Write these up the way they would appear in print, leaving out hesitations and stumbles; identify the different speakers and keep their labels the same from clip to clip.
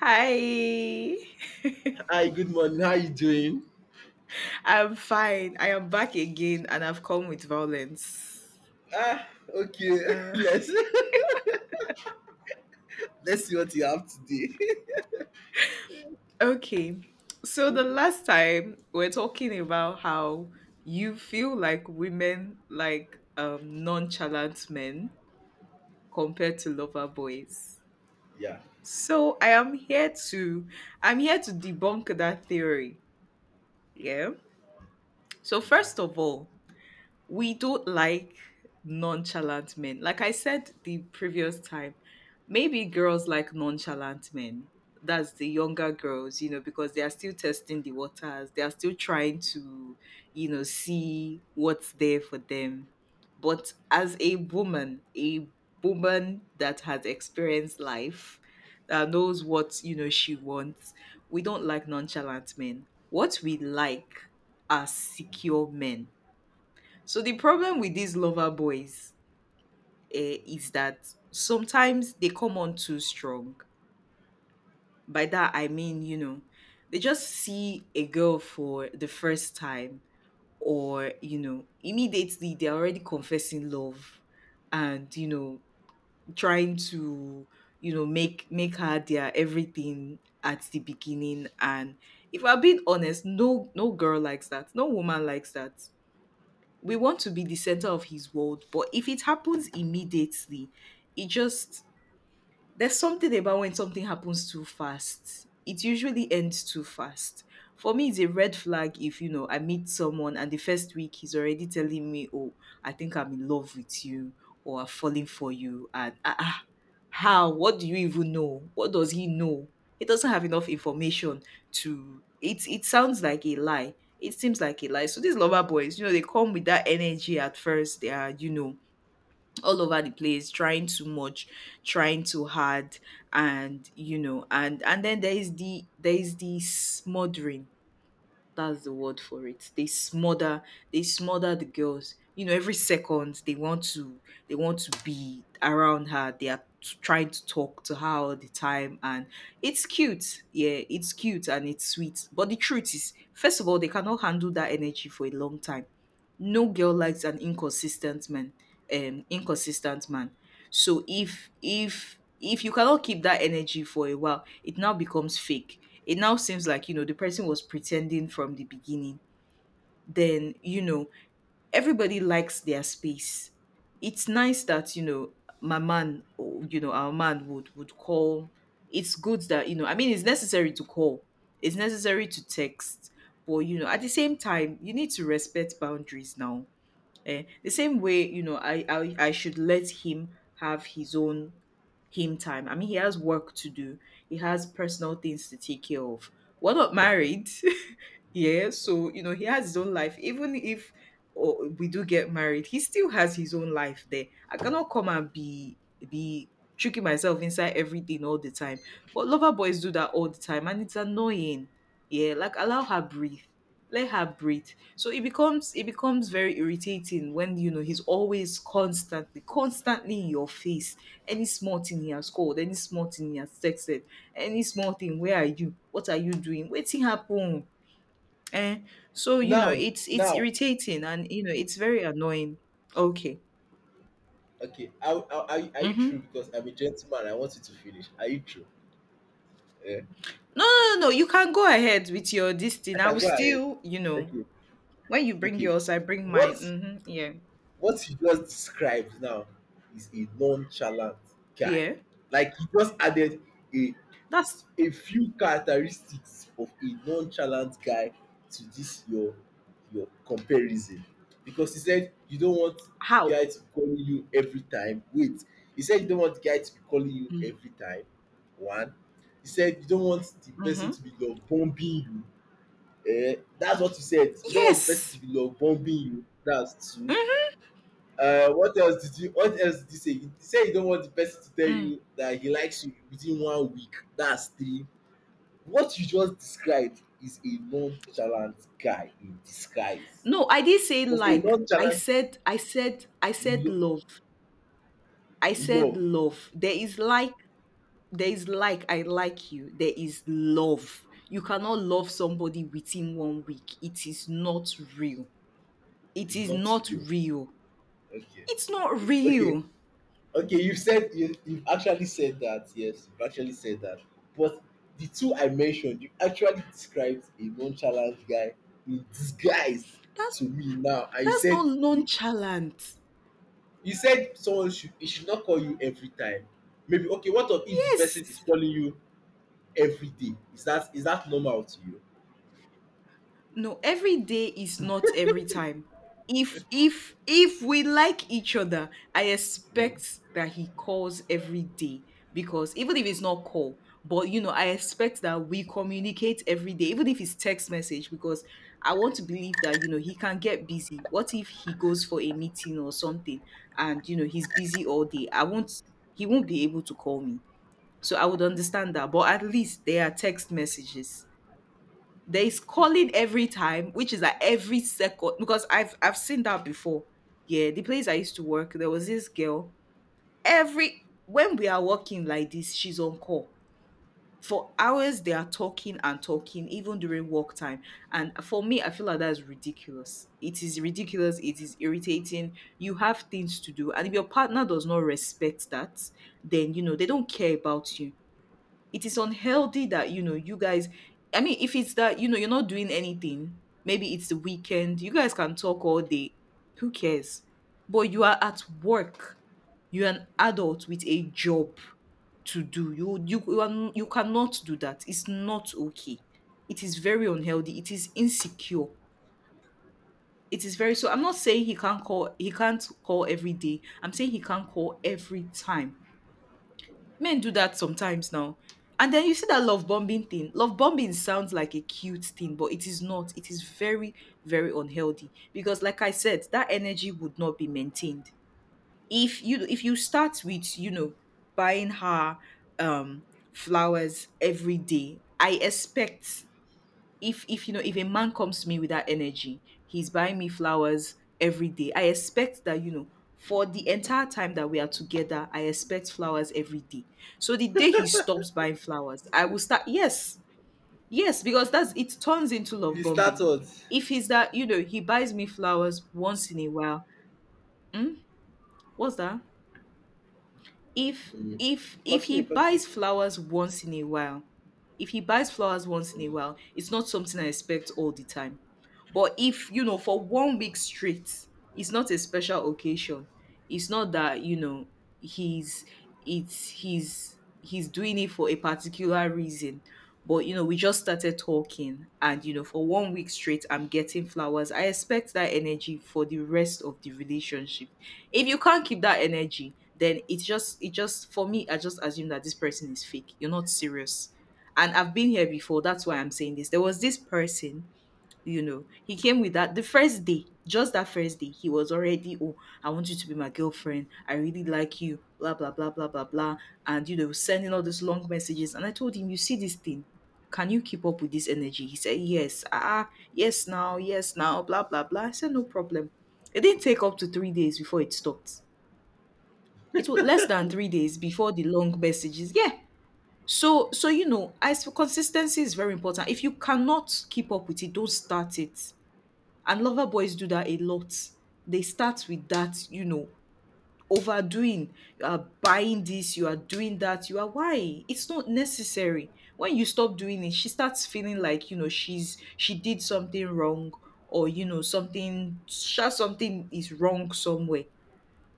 Speaker 1: Hi,
Speaker 2: Hi, good morning. How you doing?
Speaker 1: I'm fine. I am back again and I've come with violence.
Speaker 2: Ah, okay.
Speaker 1: Uh,
Speaker 2: Let's let's see what you have today.
Speaker 1: okay, so the last time we are talking about how you feel like women like nonchalant men compared to lover boys.
Speaker 2: Yeah.
Speaker 1: So I'm here to debunk that theory. Yeah. So first of all, we don't like nonchalant men. Like I said the previous time, maybe girls like nonchalant men. That's the younger girls, because they are still testing the waters. They are still trying to see what's there for them. But as a woman that has experienced life, that knows what she wants, we don't like nonchalant men. What we like are secure men. So the problem with these lover boys is that sometimes they come on too strong. By that I mean they just see a girl for the first time, or immediately they're already confessing love, and trying to make her their everything at the beginning. And if I'm being honest, no girl likes that. No woman likes that. We want to be the center of his world, but if it happens immediately it just there's something about when something happens too fast, it usually ends too fast. For me, it's a red flag if I meet someone and the first week he's already telling me, oh, I think I'm in love with you, or I'm falling for you. And how? What do you even know? What does he know? He doesn't have enough information. To it it sounds like a lie. It seems like a lie. So these lover boys, they come with that energy at first. They are, all over the place, trying too much, trying too hard, and and then there is the smothering. That's the word for it. They smother the girls. Every second they want to be around her. They are trying to talk to her all the time, and it's cute. Yeah, it's cute and it's sweet. But the truth is, first of all, they cannot handle that energy for a long time. No girl likes an inconsistent man. Inconsistent man. So if you cannot keep that energy for a while, it now becomes fake. It now seems like the person was pretending from the beginning. Then everybody likes their space. It's nice that my man or our man would call. It's good that I mean it's necessary to call. It's necessary to text. But at the same time you need to respect boundaries now. The same way, I should let him have his own him time. I mean, he has work to do. He has personal things to take care of. We're not married. Yeah, so he has his own life. Even if oh, we do get married, he still has his own life there. I cannot come and be tricking myself inside everything all the time. But lover boys do that all the time, and it's annoying. Yeah, like allow her breathe. Let her breathe. So it becomes very irritating when he's always constantly, constantly in your face. Any small thing he has called, any small thing he has texted, any small thing, where are you? What are you doing? Waiting happen. Eh, so
Speaker 2: Now,
Speaker 1: it's
Speaker 2: now,
Speaker 1: irritating and it's very annoying. Okay.
Speaker 2: okay. Are you true?
Speaker 1: Mm-hmm.
Speaker 2: Because I'm a gentleman. I want you to finish. Are you true? Yeah.
Speaker 1: No, no, no, no. You can go ahead with your this
Speaker 2: I
Speaker 1: thing. I will
Speaker 2: can go ahead.
Speaker 1: still,
Speaker 2: Okay.
Speaker 1: when you bring
Speaker 2: Okay.
Speaker 1: yours, I bring
Speaker 2: What
Speaker 1: mine. Mm-hmm. Yeah,
Speaker 2: What you just described now is a nonchalant guy.
Speaker 1: yeah.
Speaker 2: Like you just added a
Speaker 1: That's
Speaker 2: a few characteristics of a nonchalant guy to this your comparison. Because he said you don't want the
Speaker 1: how.
Speaker 2: guy to be calling you every time. Wait, he said you don't want the guy to be calling you
Speaker 1: Mm.
Speaker 2: every time. One. He said you don't want the person
Speaker 1: Mm-hmm.
Speaker 2: to be love bombing you. That's what you said. You don't want the person
Speaker 1: Yes.
Speaker 2: to be love bombing you. That's two.
Speaker 1: Mm-hmm.
Speaker 2: What else did you? What else did you say? You say you don't want the person to tell
Speaker 1: Mm.
Speaker 2: you that he likes you within one week. That's three. What you just described is a nonchalant guy in disguise.
Speaker 1: No, I did say
Speaker 2: Because a
Speaker 1: like. I
Speaker 2: nonchalant
Speaker 1: said, I said, I said
Speaker 2: lo-
Speaker 1: love. I said
Speaker 2: love
Speaker 1: love. There is like I like you. There is love. You cannot love somebody within one week. It is not real. It
Speaker 2: is
Speaker 1: is
Speaker 2: not
Speaker 1: not
Speaker 2: real.
Speaker 1: real.
Speaker 2: Okay,
Speaker 1: It's not
Speaker 2: okay, okay,
Speaker 1: real.
Speaker 2: okay. You've said you've actually said that. Yes, you've actually said that. But the two I mentioned, you actually described a nonchalant guy in disguise
Speaker 1: That's
Speaker 2: to me now. I
Speaker 1: that's
Speaker 2: said
Speaker 1: not nonchalant.
Speaker 2: You said someone should he should not call you every time. Maybe okay, what of if the person is
Speaker 1: Yes.
Speaker 2: calling you every day? Is that normal to you?
Speaker 1: No, every day is not every time. If we like each other, I
Speaker 2: Mm,
Speaker 1: expect that he calls every day because even if it's not call, but I expect that we communicate every day, even if it's text message, because I want to believe that he can get busy. What if he goes for a meeting or something and he's busy all day? I won't he won't be able to call me. So I would understand that. But at least there are text messages. There is
Speaker 2: okay.
Speaker 1: calling every time, which is like every second because I've seen that before. Yeah, the place I used to work, there was this girl. Every when we are working like this, she's on call. For hours they are talking and talking, even during work time. And for me, I feel like that's ridiculous. It is ridiculous, it is irritating. You have things to do. And if your partner does not respect that, then they don't care about you. It is unhealthy that you guys, I mean, if it's that you're not doing anything, maybe it's the weekend, you guys can talk all day. Who cares? But you are at work. You're an adult with a job to do. You cannot do that. It's not okay. It is very unhealthy. It is insecure. It is very So I'm not saying he can't call every day. I'm saying he can't call every time. Men do that sometimes now. And then you see that love bombing thing. Love bombing sounds like a cute thing, but it is not. It is very, very unhealthy because, like I said, that energy would not be maintained. If you start with buying her um flowers every day, I expect, if you know if a man comes to me with that energy he's buying me flowers every day, I expect that for the entire time that we are together, I expect flowers every day. So the day he stops buying flowers I will start, yes, yes, because that's it turns into love
Speaker 2: You start
Speaker 1: bombing.
Speaker 2: what?
Speaker 1: If he's that he buys me flowers once in a while. Hmm? What's that? if
Speaker 2: Mm,
Speaker 1: if if he
Speaker 2: Continue, continue.
Speaker 1: buys flowers once in a while. If he buys flowers once in a
Speaker 2: Mm.
Speaker 1: while, it's not something I expect all the time. But if for one week straight it's not a special occasion, it's not that he's he's doing it for a particular reason. But we just started talking and for one week straight I'm getting flowers. I expect that energy for the rest of the relationship. If you can't keep that energy, then it's just it just for me I just assume that this person is fake. You're not serious. And I've been here before. That's why I'm saying this. There was this person, you know, he came with that the first day, just that first day. He was already, oh, I want you to be my girlfriend, I really like you, blah blah blah blah blah blah. And sending all these long messages. And I told him, you see this thing, can you keep up with this energy? He said, yes, yes now, yes now, blah blah blah. I said, no problem. It didn't take up to 3 days before it stopped. It was less than 3 days before the long messages. Yeah. So as for consistency, is very important. If you cannot keep up with it, don't start it. And lover boys do that a lot. They start with that, overdoing. You are buying this, you are doing that, you are why? It's not necessary. When you stop doing it, she starts feeling like, she did something wrong or something is wrong somewhere.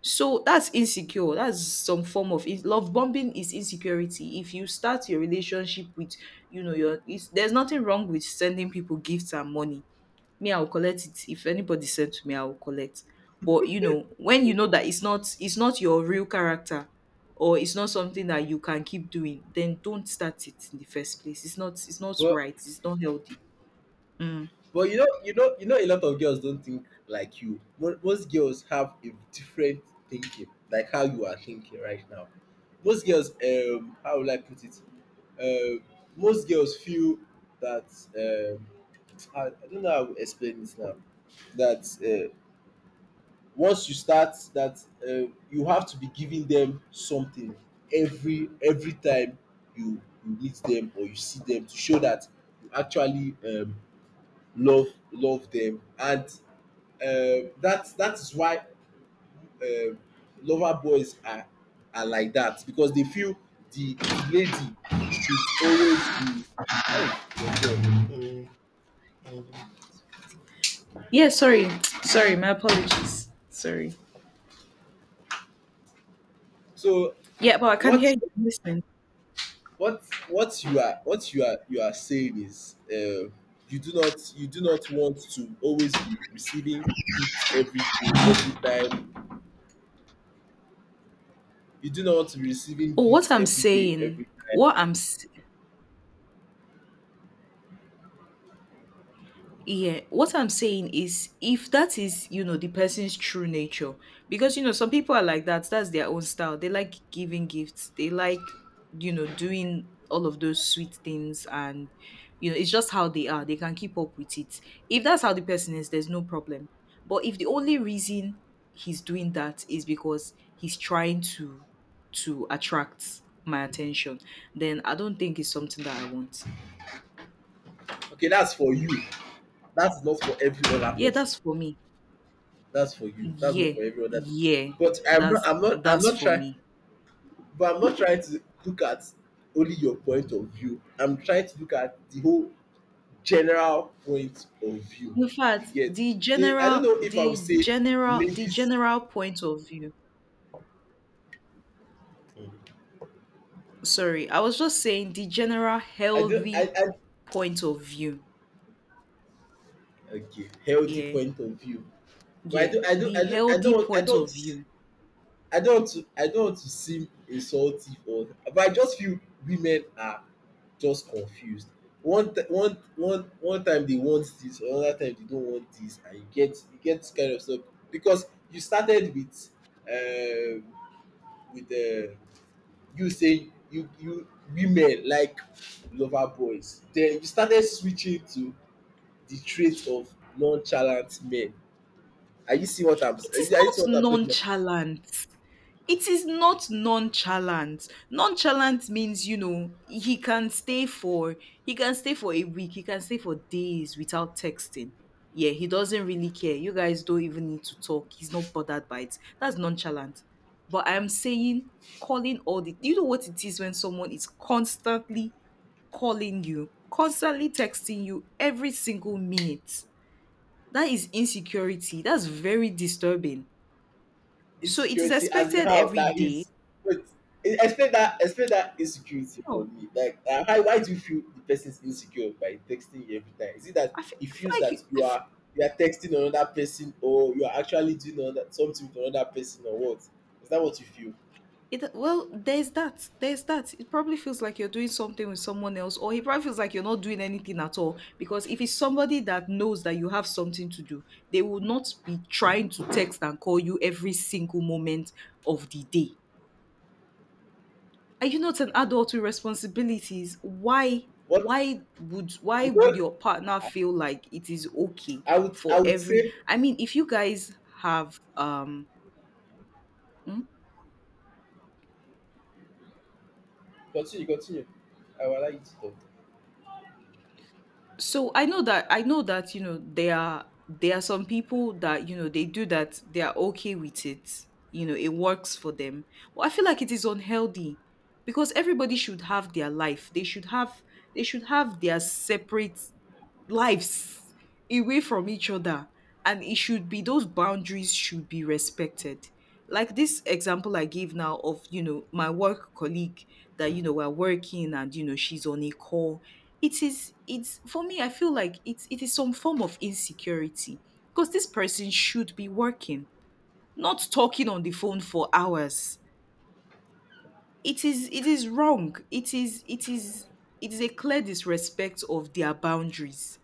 Speaker 1: So that's insecure. That's some form of love bombing is insecurity. If you start your relationship with, there's nothing wrong with sending people gifts and money. Me, I will collect it. If anybody send to me, I will collect. But when you know that it's not your real character or it's not something that you can keep doing, then don't start it in the first place. It's not
Speaker 2: But
Speaker 1: right. It's not healthy. Mm.
Speaker 2: but you know a lot of girls don't think like you. Most girls have a different thinking, like how you are thinking right now. Most girls, how will I put it? Um, most girls feel that um, I don't know how to explain this now. That once you start, that you have to be giving them something every time you meet them or you see them to show that you actually love them, and that is why uh, lover boys are like that because they feel the lady should always be. Hey, your dog.
Speaker 1: Yeah, sorry. Sorry, my apologies. Sorry.
Speaker 2: So
Speaker 1: Yeah, but I can hear
Speaker 2: what
Speaker 1: you. I'm listening.
Speaker 2: what what you are saying is you do not want to always be receiving gifts every day every time you do not want to be receiving
Speaker 1: Oh, what
Speaker 2: gifts
Speaker 1: I'm
Speaker 2: every day
Speaker 1: saying,
Speaker 2: every time.
Speaker 1: what I'm s- yeah, what I'm saying is if that is, the person's true nature, because, some people are like that, that's their own style. They like giving gifts, they like, doing all of those sweet things. And, it's just how they are. They can keep up with it. If that's how the person is, there's no problem. But if the only reason he's doing that is because he's trying to attract my attention, then I don't think it's something that I want.
Speaker 2: Okay, that's for you, that's not for every other
Speaker 1: Yeah,
Speaker 2: person.
Speaker 1: that's for me.
Speaker 2: That's for you, that's not
Speaker 1: Yeah,
Speaker 2: for every other person.
Speaker 1: yeah.
Speaker 2: But I'm not
Speaker 1: That's
Speaker 2: I'm not I'm
Speaker 1: that's
Speaker 2: not
Speaker 1: for
Speaker 2: trying
Speaker 1: me.
Speaker 2: but I'm not trying to look at only your point of view. I'm trying to look at the whole general point of view
Speaker 1: In
Speaker 2: you
Speaker 1: fact,
Speaker 2: get?
Speaker 1: the
Speaker 2: The I don't
Speaker 1: general
Speaker 2: know if I would
Speaker 1: the
Speaker 2: say
Speaker 1: general the
Speaker 2: ladies.
Speaker 1: general point of view. Sorry, I was just saying the general
Speaker 2: I don't. i
Speaker 1: healthy
Speaker 2: i
Speaker 1: point of view.
Speaker 2: okay, healthy
Speaker 1: Yeah.
Speaker 2: point of view. but i
Speaker 1: Yeah.
Speaker 2: don't i don't i
Speaker 1: The
Speaker 2: don't
Speaker 1: healthy point of view.
Speaker 2: want to seem insultive, or but I just feel women are just confused. One ti- one one one time they want this, another time they don't want this, and you get this kind of stuff. Because you started um with um you say you you women like lover boys, then you started switching to the trait of nonchalant men. Are you seeing what I'm
Speaker 1: It is
Speaker 2: are you
Speaker 1: not
Speaker 2: seeing what I'm talking about?
Speaker 1: nonchalant. It is not nonchalant. Nonchalant means, you know, he can stay for a week, he can stay for days without texting. Yeah, he doesn't really care. You guys don't even need to talk. He's not bothered by it. That's nonchalant. But I'm saying calling all the you know what it is when someone is constantly calling you, constantly texting you every single minute. That is insecurity. That's very disturbing. So it is
Speaker 2: Insecurity, as in
Speaker 1: expected
Speaker 2: how?
Speaker 1: every
Speaker 2: That
Speaker 1: day.
Speaker 2: is — wait. Explain that, explain that insecurity
Speaker 1: Yeah.
Speaker 2: for me, like how? Why do you feel the person is insecure by texting you every time? Is it that he
Speaker 1: I
Speaker 2: feels
Speaker 1: feel like
Speaker 2: that
Speaker 1: you. I
Speaker 2: you
Speaker 1: feel,
Speaker 2: are you are texting another person, or you are actually doing another something with another person, or what is that what you feel?
Speaker 1: it, well, there's that. There's that. It probably feels like you're doing something with someone else, or he probably feels like you're not doing anything at all. Because if it's somebody that knows that you have something to do, they will not be trying to text and call you every single moment of the day. Are you not an
Speaker 2: Okay,
Speaker 1: adult with responsibilities? Why?
Speaker 2: what?
Speaker 1: Why would why
Speaker 2: You
Speaker 1: would
Speaker 2: don't.
Speaker 1: your partner feel like it is okay
Speaker 2: I would,
Speaker 1: for
Speaker 2: I would
Speaker 1: every?
Speaker 2: say.
Speaker 1: I mean, if you guys have hmm?
Speaker 2: Continue, continue. I will allow you to talk.
Speaker 1: So I know that, I know that, you know, there are, some people that, you know, they do that, they are okay with it, you know, it works for them, but I feel like it is unhealthy because everybody should have their life. They should have, their separate lives away from each other, and it should be, those boundaries should be respected. Like this example I gave now of, you know, my work colleague that, you know, we're working and, you know, she's on a call, it's, for me, I feel like it is some form of insecurity because this person should be working, not talking on the phone for hours. It is it is wrong it is it is It is a clear disrespect of their boundaries.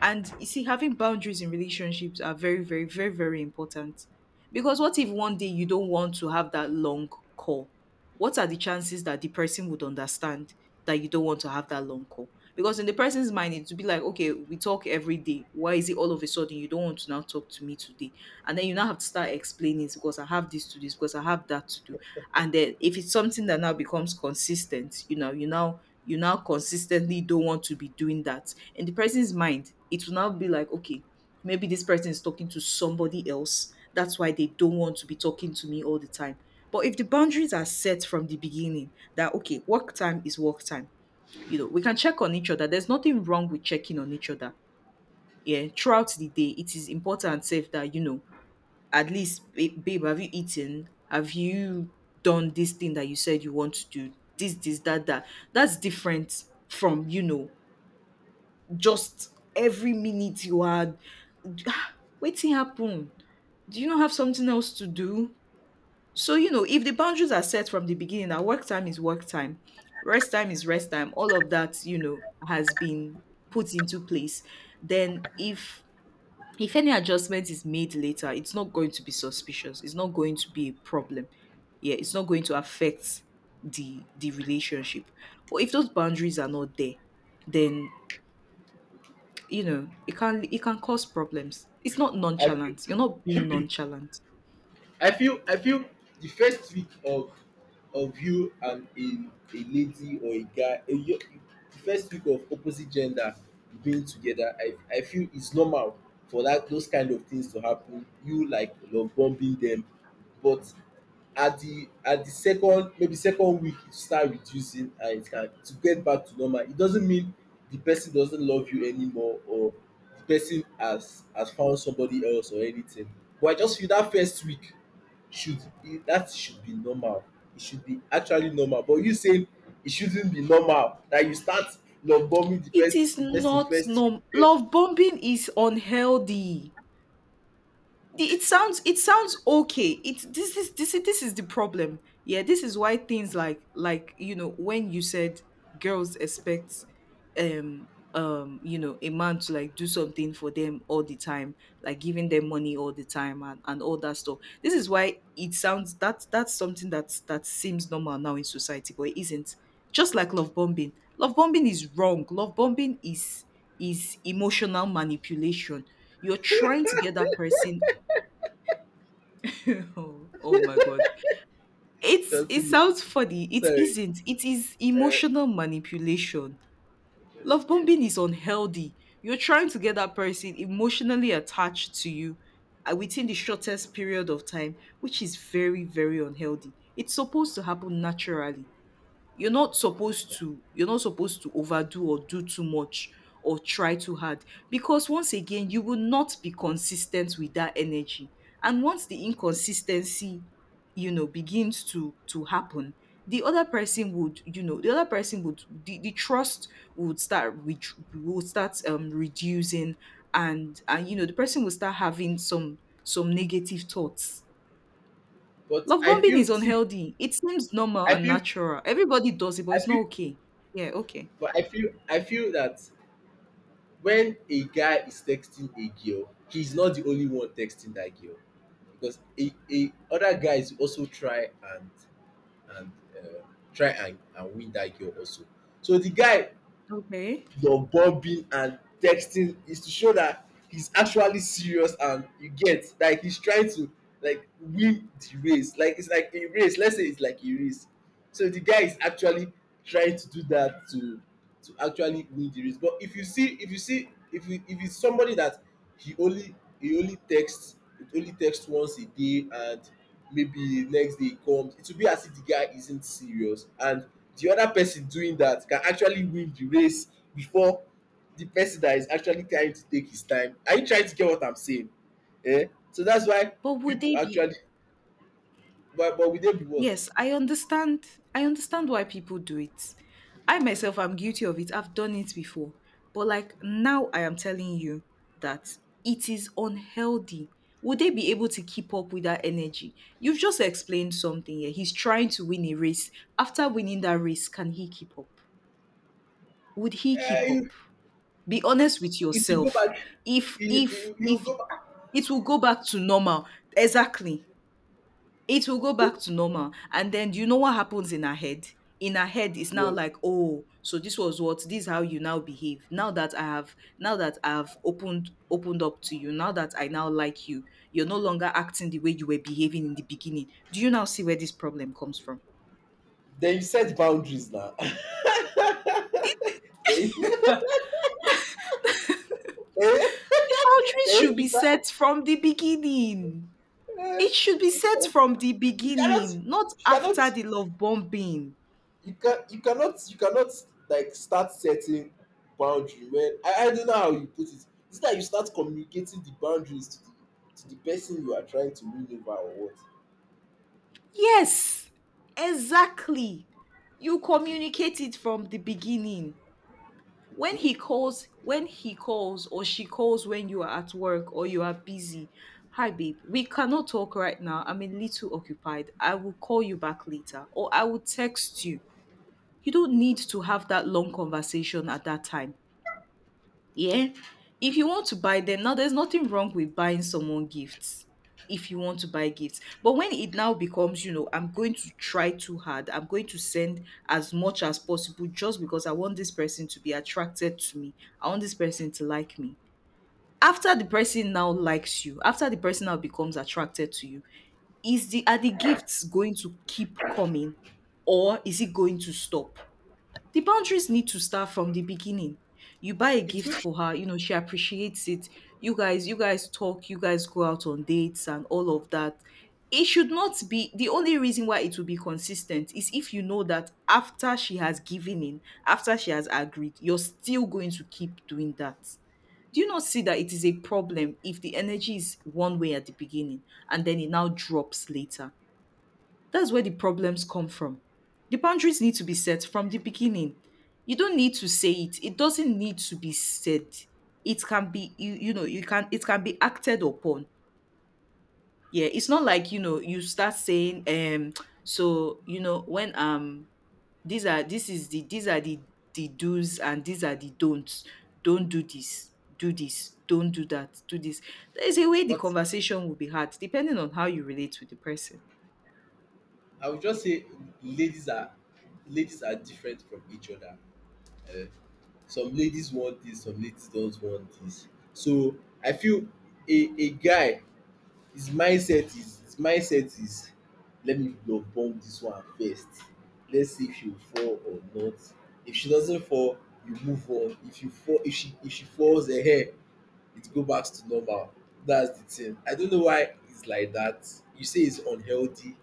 Speaker 1: And you see, having boundaries in relationships are very, very, very, very important. Because what if one day you don't want to have that long call? What are the chances that the person would understand that you don't want to have that long call? Because in the person's mind, it would be like, okay, we talk every day. Why is it all of a sudden you don't want to now talk to me today? And then you now have to start explaining, "It's because I have this to do, it's because I have that to do." And then if it's something that now becomes consistent, you know, you now consistently don't want to be doing that. In the person's mind, it will now be like, okay, maybe this person is talking to somebody else. That's why they don't want to be talking to me all the time. But if the boundaries are set from the beginning that, okay, work time is work time, you know, we can check on each other. There's nothing wrong with checking on each other. Yeah, throughout the day, it is important, safe that, you know, at least, babe, have you eaten? Have you done this thing that you said you want to do? This, that, that. That's different from, you know, just every minute you are waiting happen. Do you not have something else to do? So, you know, if the boundaries are set from the beginning that work time is work time, rest time is rest time, all of that, you know, has been put into place, then if any adjustment is made later, it's not going to be suspicious. It's not going to be a problem. Yeah, it's not going to affect the relationship. But if those boundaries are not there, then, you know, it can cause problems. It's not
Speaker 2: I feel
Speaker 1: nonchalant. You're not being nonchalant.
Speaker 2: I feel the first week of you and a lady or a guy the first week of opposite gender being together, I feel it's normal for that those kind of things to happen. You like love bombing them, but at the second, maybe second week, it start reducing and it can to get back to normal. It doesn't mean the person doesn't love you anymore, or the person has found somebody else, or anything, but I just feel that first week should, it, that should be normal. It should be actually normal. But you saying it shouldn't be normal that you start love bombing the
Speaker 1: It is
Speaker 2: first the person
Speaker 1: not
Speaker 2: first.
Speaker 1: norm Love bombing is unhealthy. It sounds, okay, it's this is, this is the problem. Yeah, this is why things like, you know, when you said girls expect, um you know, a man to like do something for them all the time, like giving them money all the time, and all that stuff, this is why it sounds, that that's something, that seems normal now in society, but it isn't. Just like love bombing, love bombing is wrong. Love bombing is emotional manipulation. You're trying to get that person oh my god. It
Speaker 2: Continue.
Speaker 1: sounds funny. It
Speaker 2: Sorry.
Speaker 1: isn't. It is
Speaker 2: Uh,
Speaker 1: emotional manipulation. Love
Speaker 2: okay.
Speaker 1: bombing is unhealthy. You're trying to get that person emotionally attached to you within the shortest period of time, which is very, very unhealthy. It's supposed to happen naturally. You're not supposed to, overdo or do too much or try too hard, because once again you will not be consistent with that energy. And once the inconsistency, you know, begins to happen, the other person would, you know, the other person would, the trust would start with, would start reducing. And you know, the person will start having some, negative thoughts.
Speaker 2: But
Speaker 1: Love
Speaker 2: I
Speaker 1: bombing
Speaker 2: feel,
Speaker 1: is
Speaker 2: see,
Speaker 1: unhealthy. It seems normal
Speaker 2: I
Speaker 1: and
Speaker 2: feel
Speaker 1: natural. Everybody does it, but
Speaker 2: I
Speaker 1: it's not
Speaker 2: feel
Speaker 1: okay. Yeah, okay.
Speaker 2: but I feel that when a guy is texting a girl, he's not the only one texting that girl. Because a other guys also try and and uh, and win that girl also. So the guy,
Speaker 1: Okay.
Speaker 2: your bobbing and texting, is to show that he's actually serious, and you get, like, he's trying to, like, win the race. Like it's like a race, let's say it's like a race. So the guy is actually trying to do that to actually win the race. But if you see if you see if you if it's somebody that he only he only texts he only texts once a day, and maybe next day he comes, it will be as if the guy isn't serious, and the other person doing that can actually win the race before the person that is actually trying to take his time. Are you trying to get what I'm saying? So that's why
Speaker 1: But would
Speaker 2: people
Speaker 1: they be
Speaker 2: actually. But will they be what?
Speaker 1: Yes, I understand. I understand why people do it. I myself am guilty of it. I've done it before. But like now I am telling you that it is unhealthy. Would they be able to keep up with that energy? You've just explained something here. He's trying to win a race. After winning that race, can he keep up? Would he keep
Speaker 2: eh it
Speaker 1: up? Be honest with
Speaker 2: it will go
Speaker 1: yourself.
Speaker 2: back. you you you
Speaker 1: If
Speaker 2: go back.
Speaker 1: it will go back to normal. Exactly. It will go back to normal. And then do you know what happens in her head? In her head, it's now
Speaker 2: Well,
Speaker 1: like, oh, so this was what, this is how you now behave. Now that I have, now that I've opened up to you, now that I now like you, you're no longer acting the way you were behaving in the beginning. Do you now see where this problem comes from?
Speaker 2: then you set boundaries now. Then you then you,
Speaker 1: Boundaries should
Speaker 2: then you
Speaker 1: be
Speaker 2: start.
Speaker 1: set from the beginning.
Speaker 2: eh
Speaker 1: It should be set from the
Speaker 2: you cannot
Speaker 1: beginning, not
Speaker 2: you cannot
Speaker 1: after the love bombing.
Speaker 2: you can you cannot like start setting boundary when I don't know how you put it. It's like you start communicating the boundaries to the person you are trying to win over, or what?
Speaker 1: Yes, exactly. You
Speaker 2: Okay.
Speaker 1: communicate it from the beginning.
Speaker 2: Okay.
Speaker 1: When he calls or she calls when you are at work or you are busy. Hi babe, we cannot talk right now. I'm a little occupied. I will call you back later or I will text you. You don't need to have that long conversation at that time. Yeah. If you want to buy them now, there's nothing wrong with buying someone gifts. If you want to buy gifts, but when it now becomes, you know, I'm going to try too hard, I'm going to send as much as possible just because I want this person to be attracted to me. I want this person to like me. After the person now likes you, after the person now becomes attracted to you, is the are the gifts going to keep coming, or is it going to stop? The boundaries need to start from the beginning. You buy a
Speaker 2: it will
Speaker 1: gift for her, you know, she appreciates it. You guys talk, you guys go out on dates and all of that. It should not be, the only reason why it will be consistent is if you know that after she has given in, after she has agreed, you're still going to keep doing that. Do you not see that it is a problem if the energy is one way at the beginning and then it now drops later? That's where the problems come from. The boundaries need to be set from the beginning. You don't need to say it. It doesn't need to be said. It can be, you can it can be acted upon. Yeah, it's not like, you know, you start saying, so, you know, when, these are this is the these are the do's and these are the don'ts. Don't do this. Do this. Don't do that. Do this. There is a way the
Speaker 2: But
Speaker 1: conversation will be had depending on how you relate with the person.
Speaker 2: I would just say ladies are ladies are different from each other. Uh, some ladies want this, some ladies don't want this. So I feel a guy, his mindset is, let me blood bomb this one first. Let's see if she will fall or not. If she doesn't fall, you move on. If you fall if she falls, ehen, it go back to normal. That's the thing. I don't know why it's like that. You say it's unhealthy,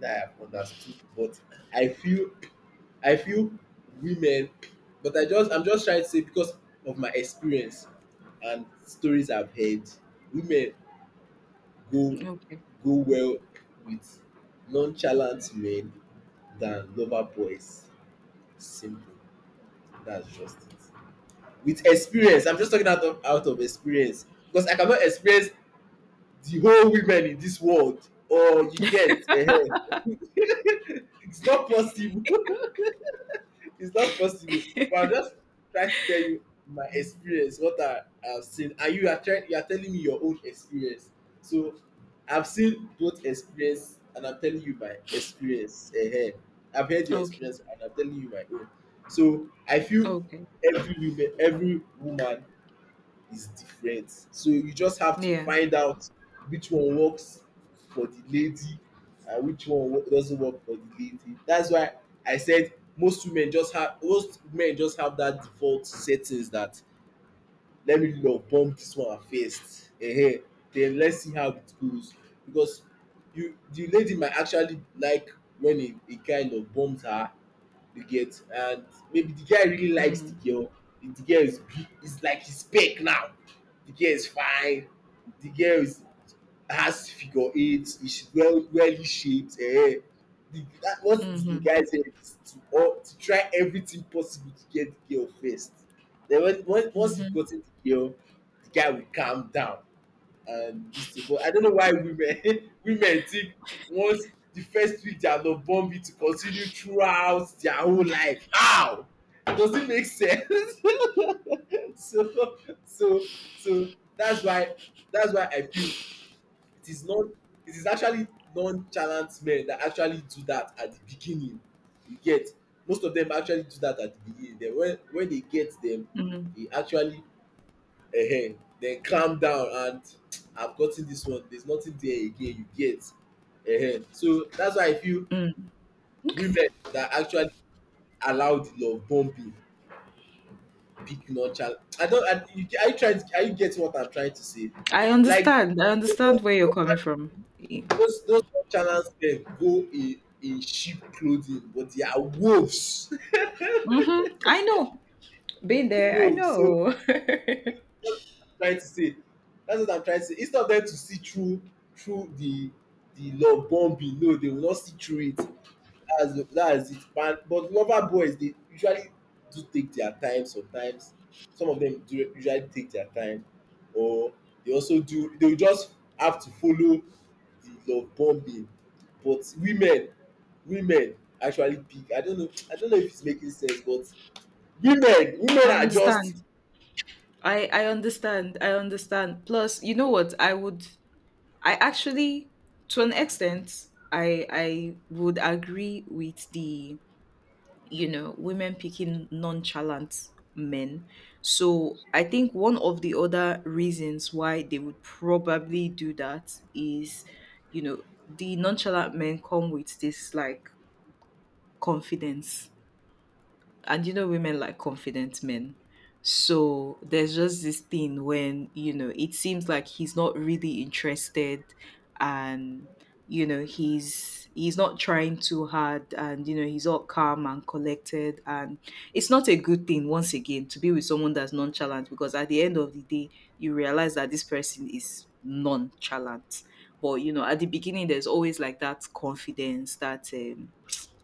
Speaker 2: that I have understood, but I feel I feel women, but I just I'm just trying to say, because of my experience and stories I've heard, women go
Speaker 1: Okay.
Speaker 2: go well with nonchalant men than lover boys. Simple. That's just it. With experience, I'm just talking out of experience because I cannot experience the whole women in this world. Or you get? It's not possible. It's not possible, but I'm just trying to tell you my experience, what I have seen, and you are telling me your own experience. So I've seen both experience and I'm telling you my experience. Uh-huh. I've heard your
Speaker 1: Okay.
Speaker 2: experience and I'm telling you my own. So I feel
Speaker 1: Okay.
Speaker 2: every woman is different, so you just have to
Speaker 1: Yeah.
Speaker 2: find out which one works for the lady and which one doesn't work for the lady. That's why I said most men just have that default settings, that let me love bomb this one first, eh, then let's see how it goes. Because you the lady might actually like when a guy love bombs her, you get. And maybe the guy really likes the
Speaker 1: Mhm.
Speaker 2: girl, the girl is big, is like his spec now, the girl is fine, the girl is has figure eight. She's well shaped, eh. the That what the
Speaker 1: Mhm.
Speaker 2: guy said is to all to try everything possible to get the girl first. Then when once you
Speaker 1: Mhm.
Speaker 2: gotten the girl, the guy will calm down and this thing. But I don't know why women women think once the first week they are not bumpy to continue throughout their whole life. How does it make sense? so so so that's why I feel it is not it is actually nonchalant men that actually do that at the beginning, you get. Most of them actually do that at the beginning, then when they get them,
Speaker 1: Mhm.
Speaker 2: they actually. Ehen, then calm down, and I've gotten this one, there's nothing there again, you get? Ehen, so that's why I feel
Speaker 1: Mm. Okay.
Speaker 2: women that actually allow the love bombing, picking on child. I don't, I, you are you trying to are you getting what I'm trying to say?
Speaker 1: I
Speaker 2: Like,
Speaker 1: understand. I
Speaker 2: you
Speaker 1: understand where you're
Speaker 2: know
Speaker 1: coming from.
Speaker 2: those nonchalance men go in sheep clothing but they are wolves.
Speaker 1: Mm-hmm. I know. Been there. I
Speaker 2: Wolves. So
Speaker 1: know.
Speaker 2: that's what I'm trying to say. That's what I'm trying to say. Instead of them to see through the love bombing, no, they will not see through it. That's that is it. But lover boys, they usually do take their time sometimes. Some of them do usually take their time, or they also do. They will just have to follow the love bombing. But women actually pick. I don't know. I don't know if it's making sense, but women
Speaker 1: I
Speaker 2: are just.
Speaker 1: understand. I understand. I understand. Plus, you know what? I actually to an extent I would agree with the women picking nonchalant men. So I think one of the other reasons why they would probably do that is, you know, the nonchalant men come with this like confidence, and you know women like confident men. So there's just this thing when, you know, it seems like he's not really interested, and you know he's not trying too hard, and you know he's all calm and collected. And it's not a good thing, once again, to be with someone that's nonchalant, because at the end of the day you realize that this person is nonchalant. But you know, at the beginning there's always like that confidence, that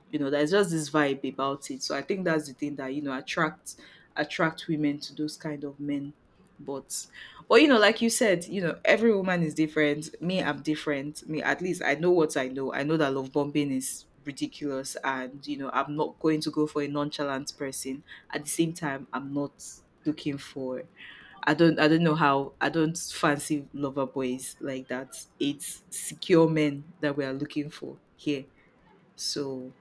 Speaker 1: there's just this vibe about it. So I think that's the thing that, you know, attracts attract women to those kind of men. But but you know, like you said, you know, every woman is different. Me, I'm different. Me, at least I know what I know. I know that love bombing is ridiculous, and you know, I'm not going to go for a nonchalant person. At the same time, I'm not looking for— I don't know how. I don't fancy lover boys like that. It's secure men that we are looking for here. So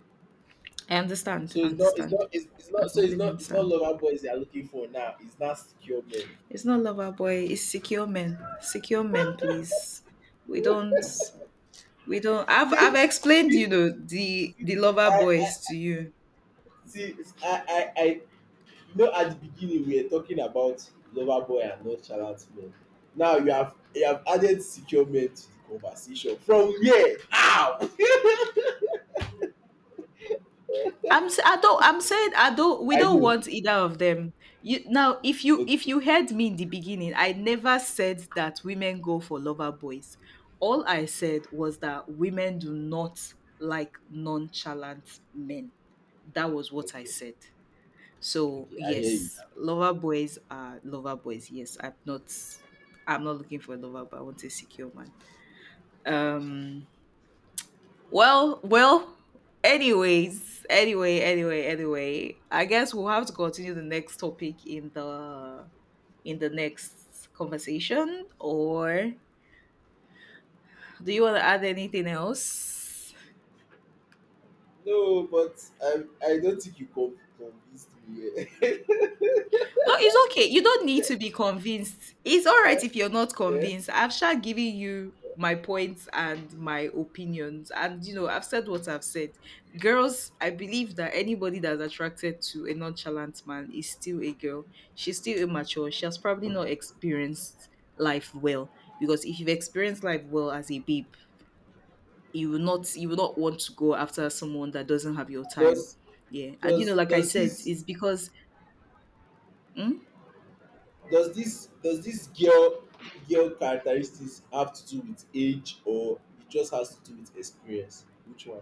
Speaker 1: I understand.
Speaker 2: So
Speaker 1: I
Speaker 2: it's not, it's
Speaker 1: understand.
Speaker 2: not, it's
Speaker 1: I
Speaker 2: not. So it's
Speaker 1: completely
Speaker 2: not, it's not
Speaker 1: understand.
Speaker 2: lover boys they are looking for now. It's not secure men.
Speaker 1: It's not lover boy. It's secure men. Secure men, please. We don't. We don't. I've
Speaker 2: See,
Speaker 1: explained, you
Speaker 2: see,
Speaker 1: know, the
Speaker 2: see,
Speaker 1: the lover
Speaker 2: I,
Speaker 1: boys
Speaker 2: I,
Speaker 1: to you.
Speaker 2: see, I, I, I, you know, at the beginning we were talking about lover boy and nonchalant men. Now you have added secure men to the conversation. From where? How?
Speaker 1: I'm. S- I don't. I'm saying. I don't. We
Speaker 2: I
Speaker 1: don't
Speaker 2: do.
Speaker 1: want either of them. You now. If you if
Speaker 2: Okay,
Speaker 1: you heard me in the beginning, I never said that women go for lover boys. All I said was that women do not like nonchalant men. That was what I
Speaker 2: okay,
Speaker 1: said. So
Speaker 2: okay. I hear you.
Speaker 1: yes, lover boys are lover boys. Yes, I'm not looking for a lover, but I want a secure man.
Speaker 2: Thank you.
Speaker 1: Um well, anyways anyway anyway anyway I guess we'll have to continue the next topic in the next conversation, or do you want to add anything else?
Speaker 2: No, but I don't think you convinced me. Eh.
Speaker 1: No, it's okay. You don't need to be convinced. It's all right if you're not
Speaker 2: Eh?
Speaker 1: convinced. I've sure given you my points and my opinions. And, you know, I've said what I've said. Girls, I believe that anybody that's attracted to a nonchalant man is still a girl. She's still immature. She has probably not experienced life well. Because if you've experienced life well as a babe, you will not want to go after someone that doesn't have your time.
Speaker 2: does,
Speaker 1: Yeah. And you know,
Speaker 2: does,
Speaker 1: like I
Speaker 2: does
Speaker 1: said,
Speaker 2: this
Speaker 1: it's because— Hmm?
Speaker 2: does this girl characteristics have to do with age, or it just has to do with experience? Which one?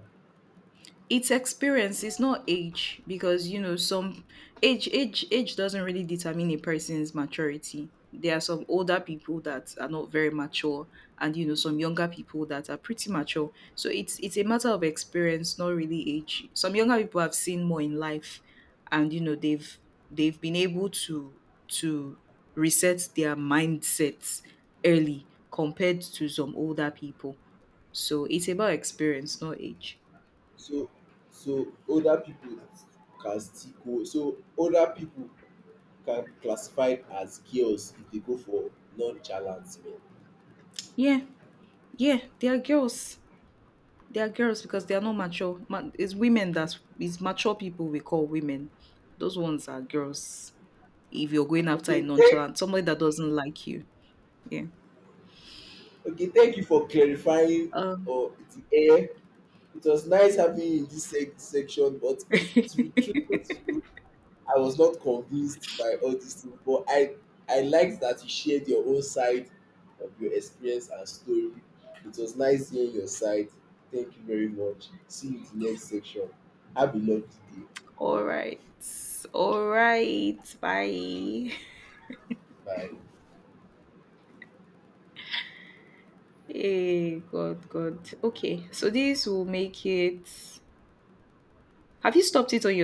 Speaker 1: It's experience, it's not age, because you know some age doesn't really determine a person's maturity. There are some older people that are not very mature, and you know some younger people that are pretty mature. So it's a matter of experience, not really age. Some younger people have seen more in life, and you know they've been able to to reset their mindsets early compared to some older people. So it's about experience, not age.
Speaker 2: So so older people can still go, so older people can be classified as girls if they go for nonchalant men.
Speaker 1: Yeah. Yeah, they are girls. They are girls because they are not
Speaker 2: Okay.
Speaker 1: mature. It's women— that is, mature people we call women. Those ones are girls. If you're going after a
Speaker 2: Okay, thank
Speaker 1: nonchalant, somebody that doesn't like you. Yeah.
Speaker 2: okay, thank you for clarifying
Speaker 1: Um.
Speaker 2: or the air. It was nice having you in this section, but to be truthful to you, I was not convinced by all these things, but I liked that you shared your own side of your experience and story. It was nice hearing your side. Thank you very much. See you in the next section. Have a lovely day.
Speaker 1: All right. All right. Bye.
Speaker 2: Bye.
Speaker 1: Hey, God, God. Okay. So this will make it. Have you stopped it on your?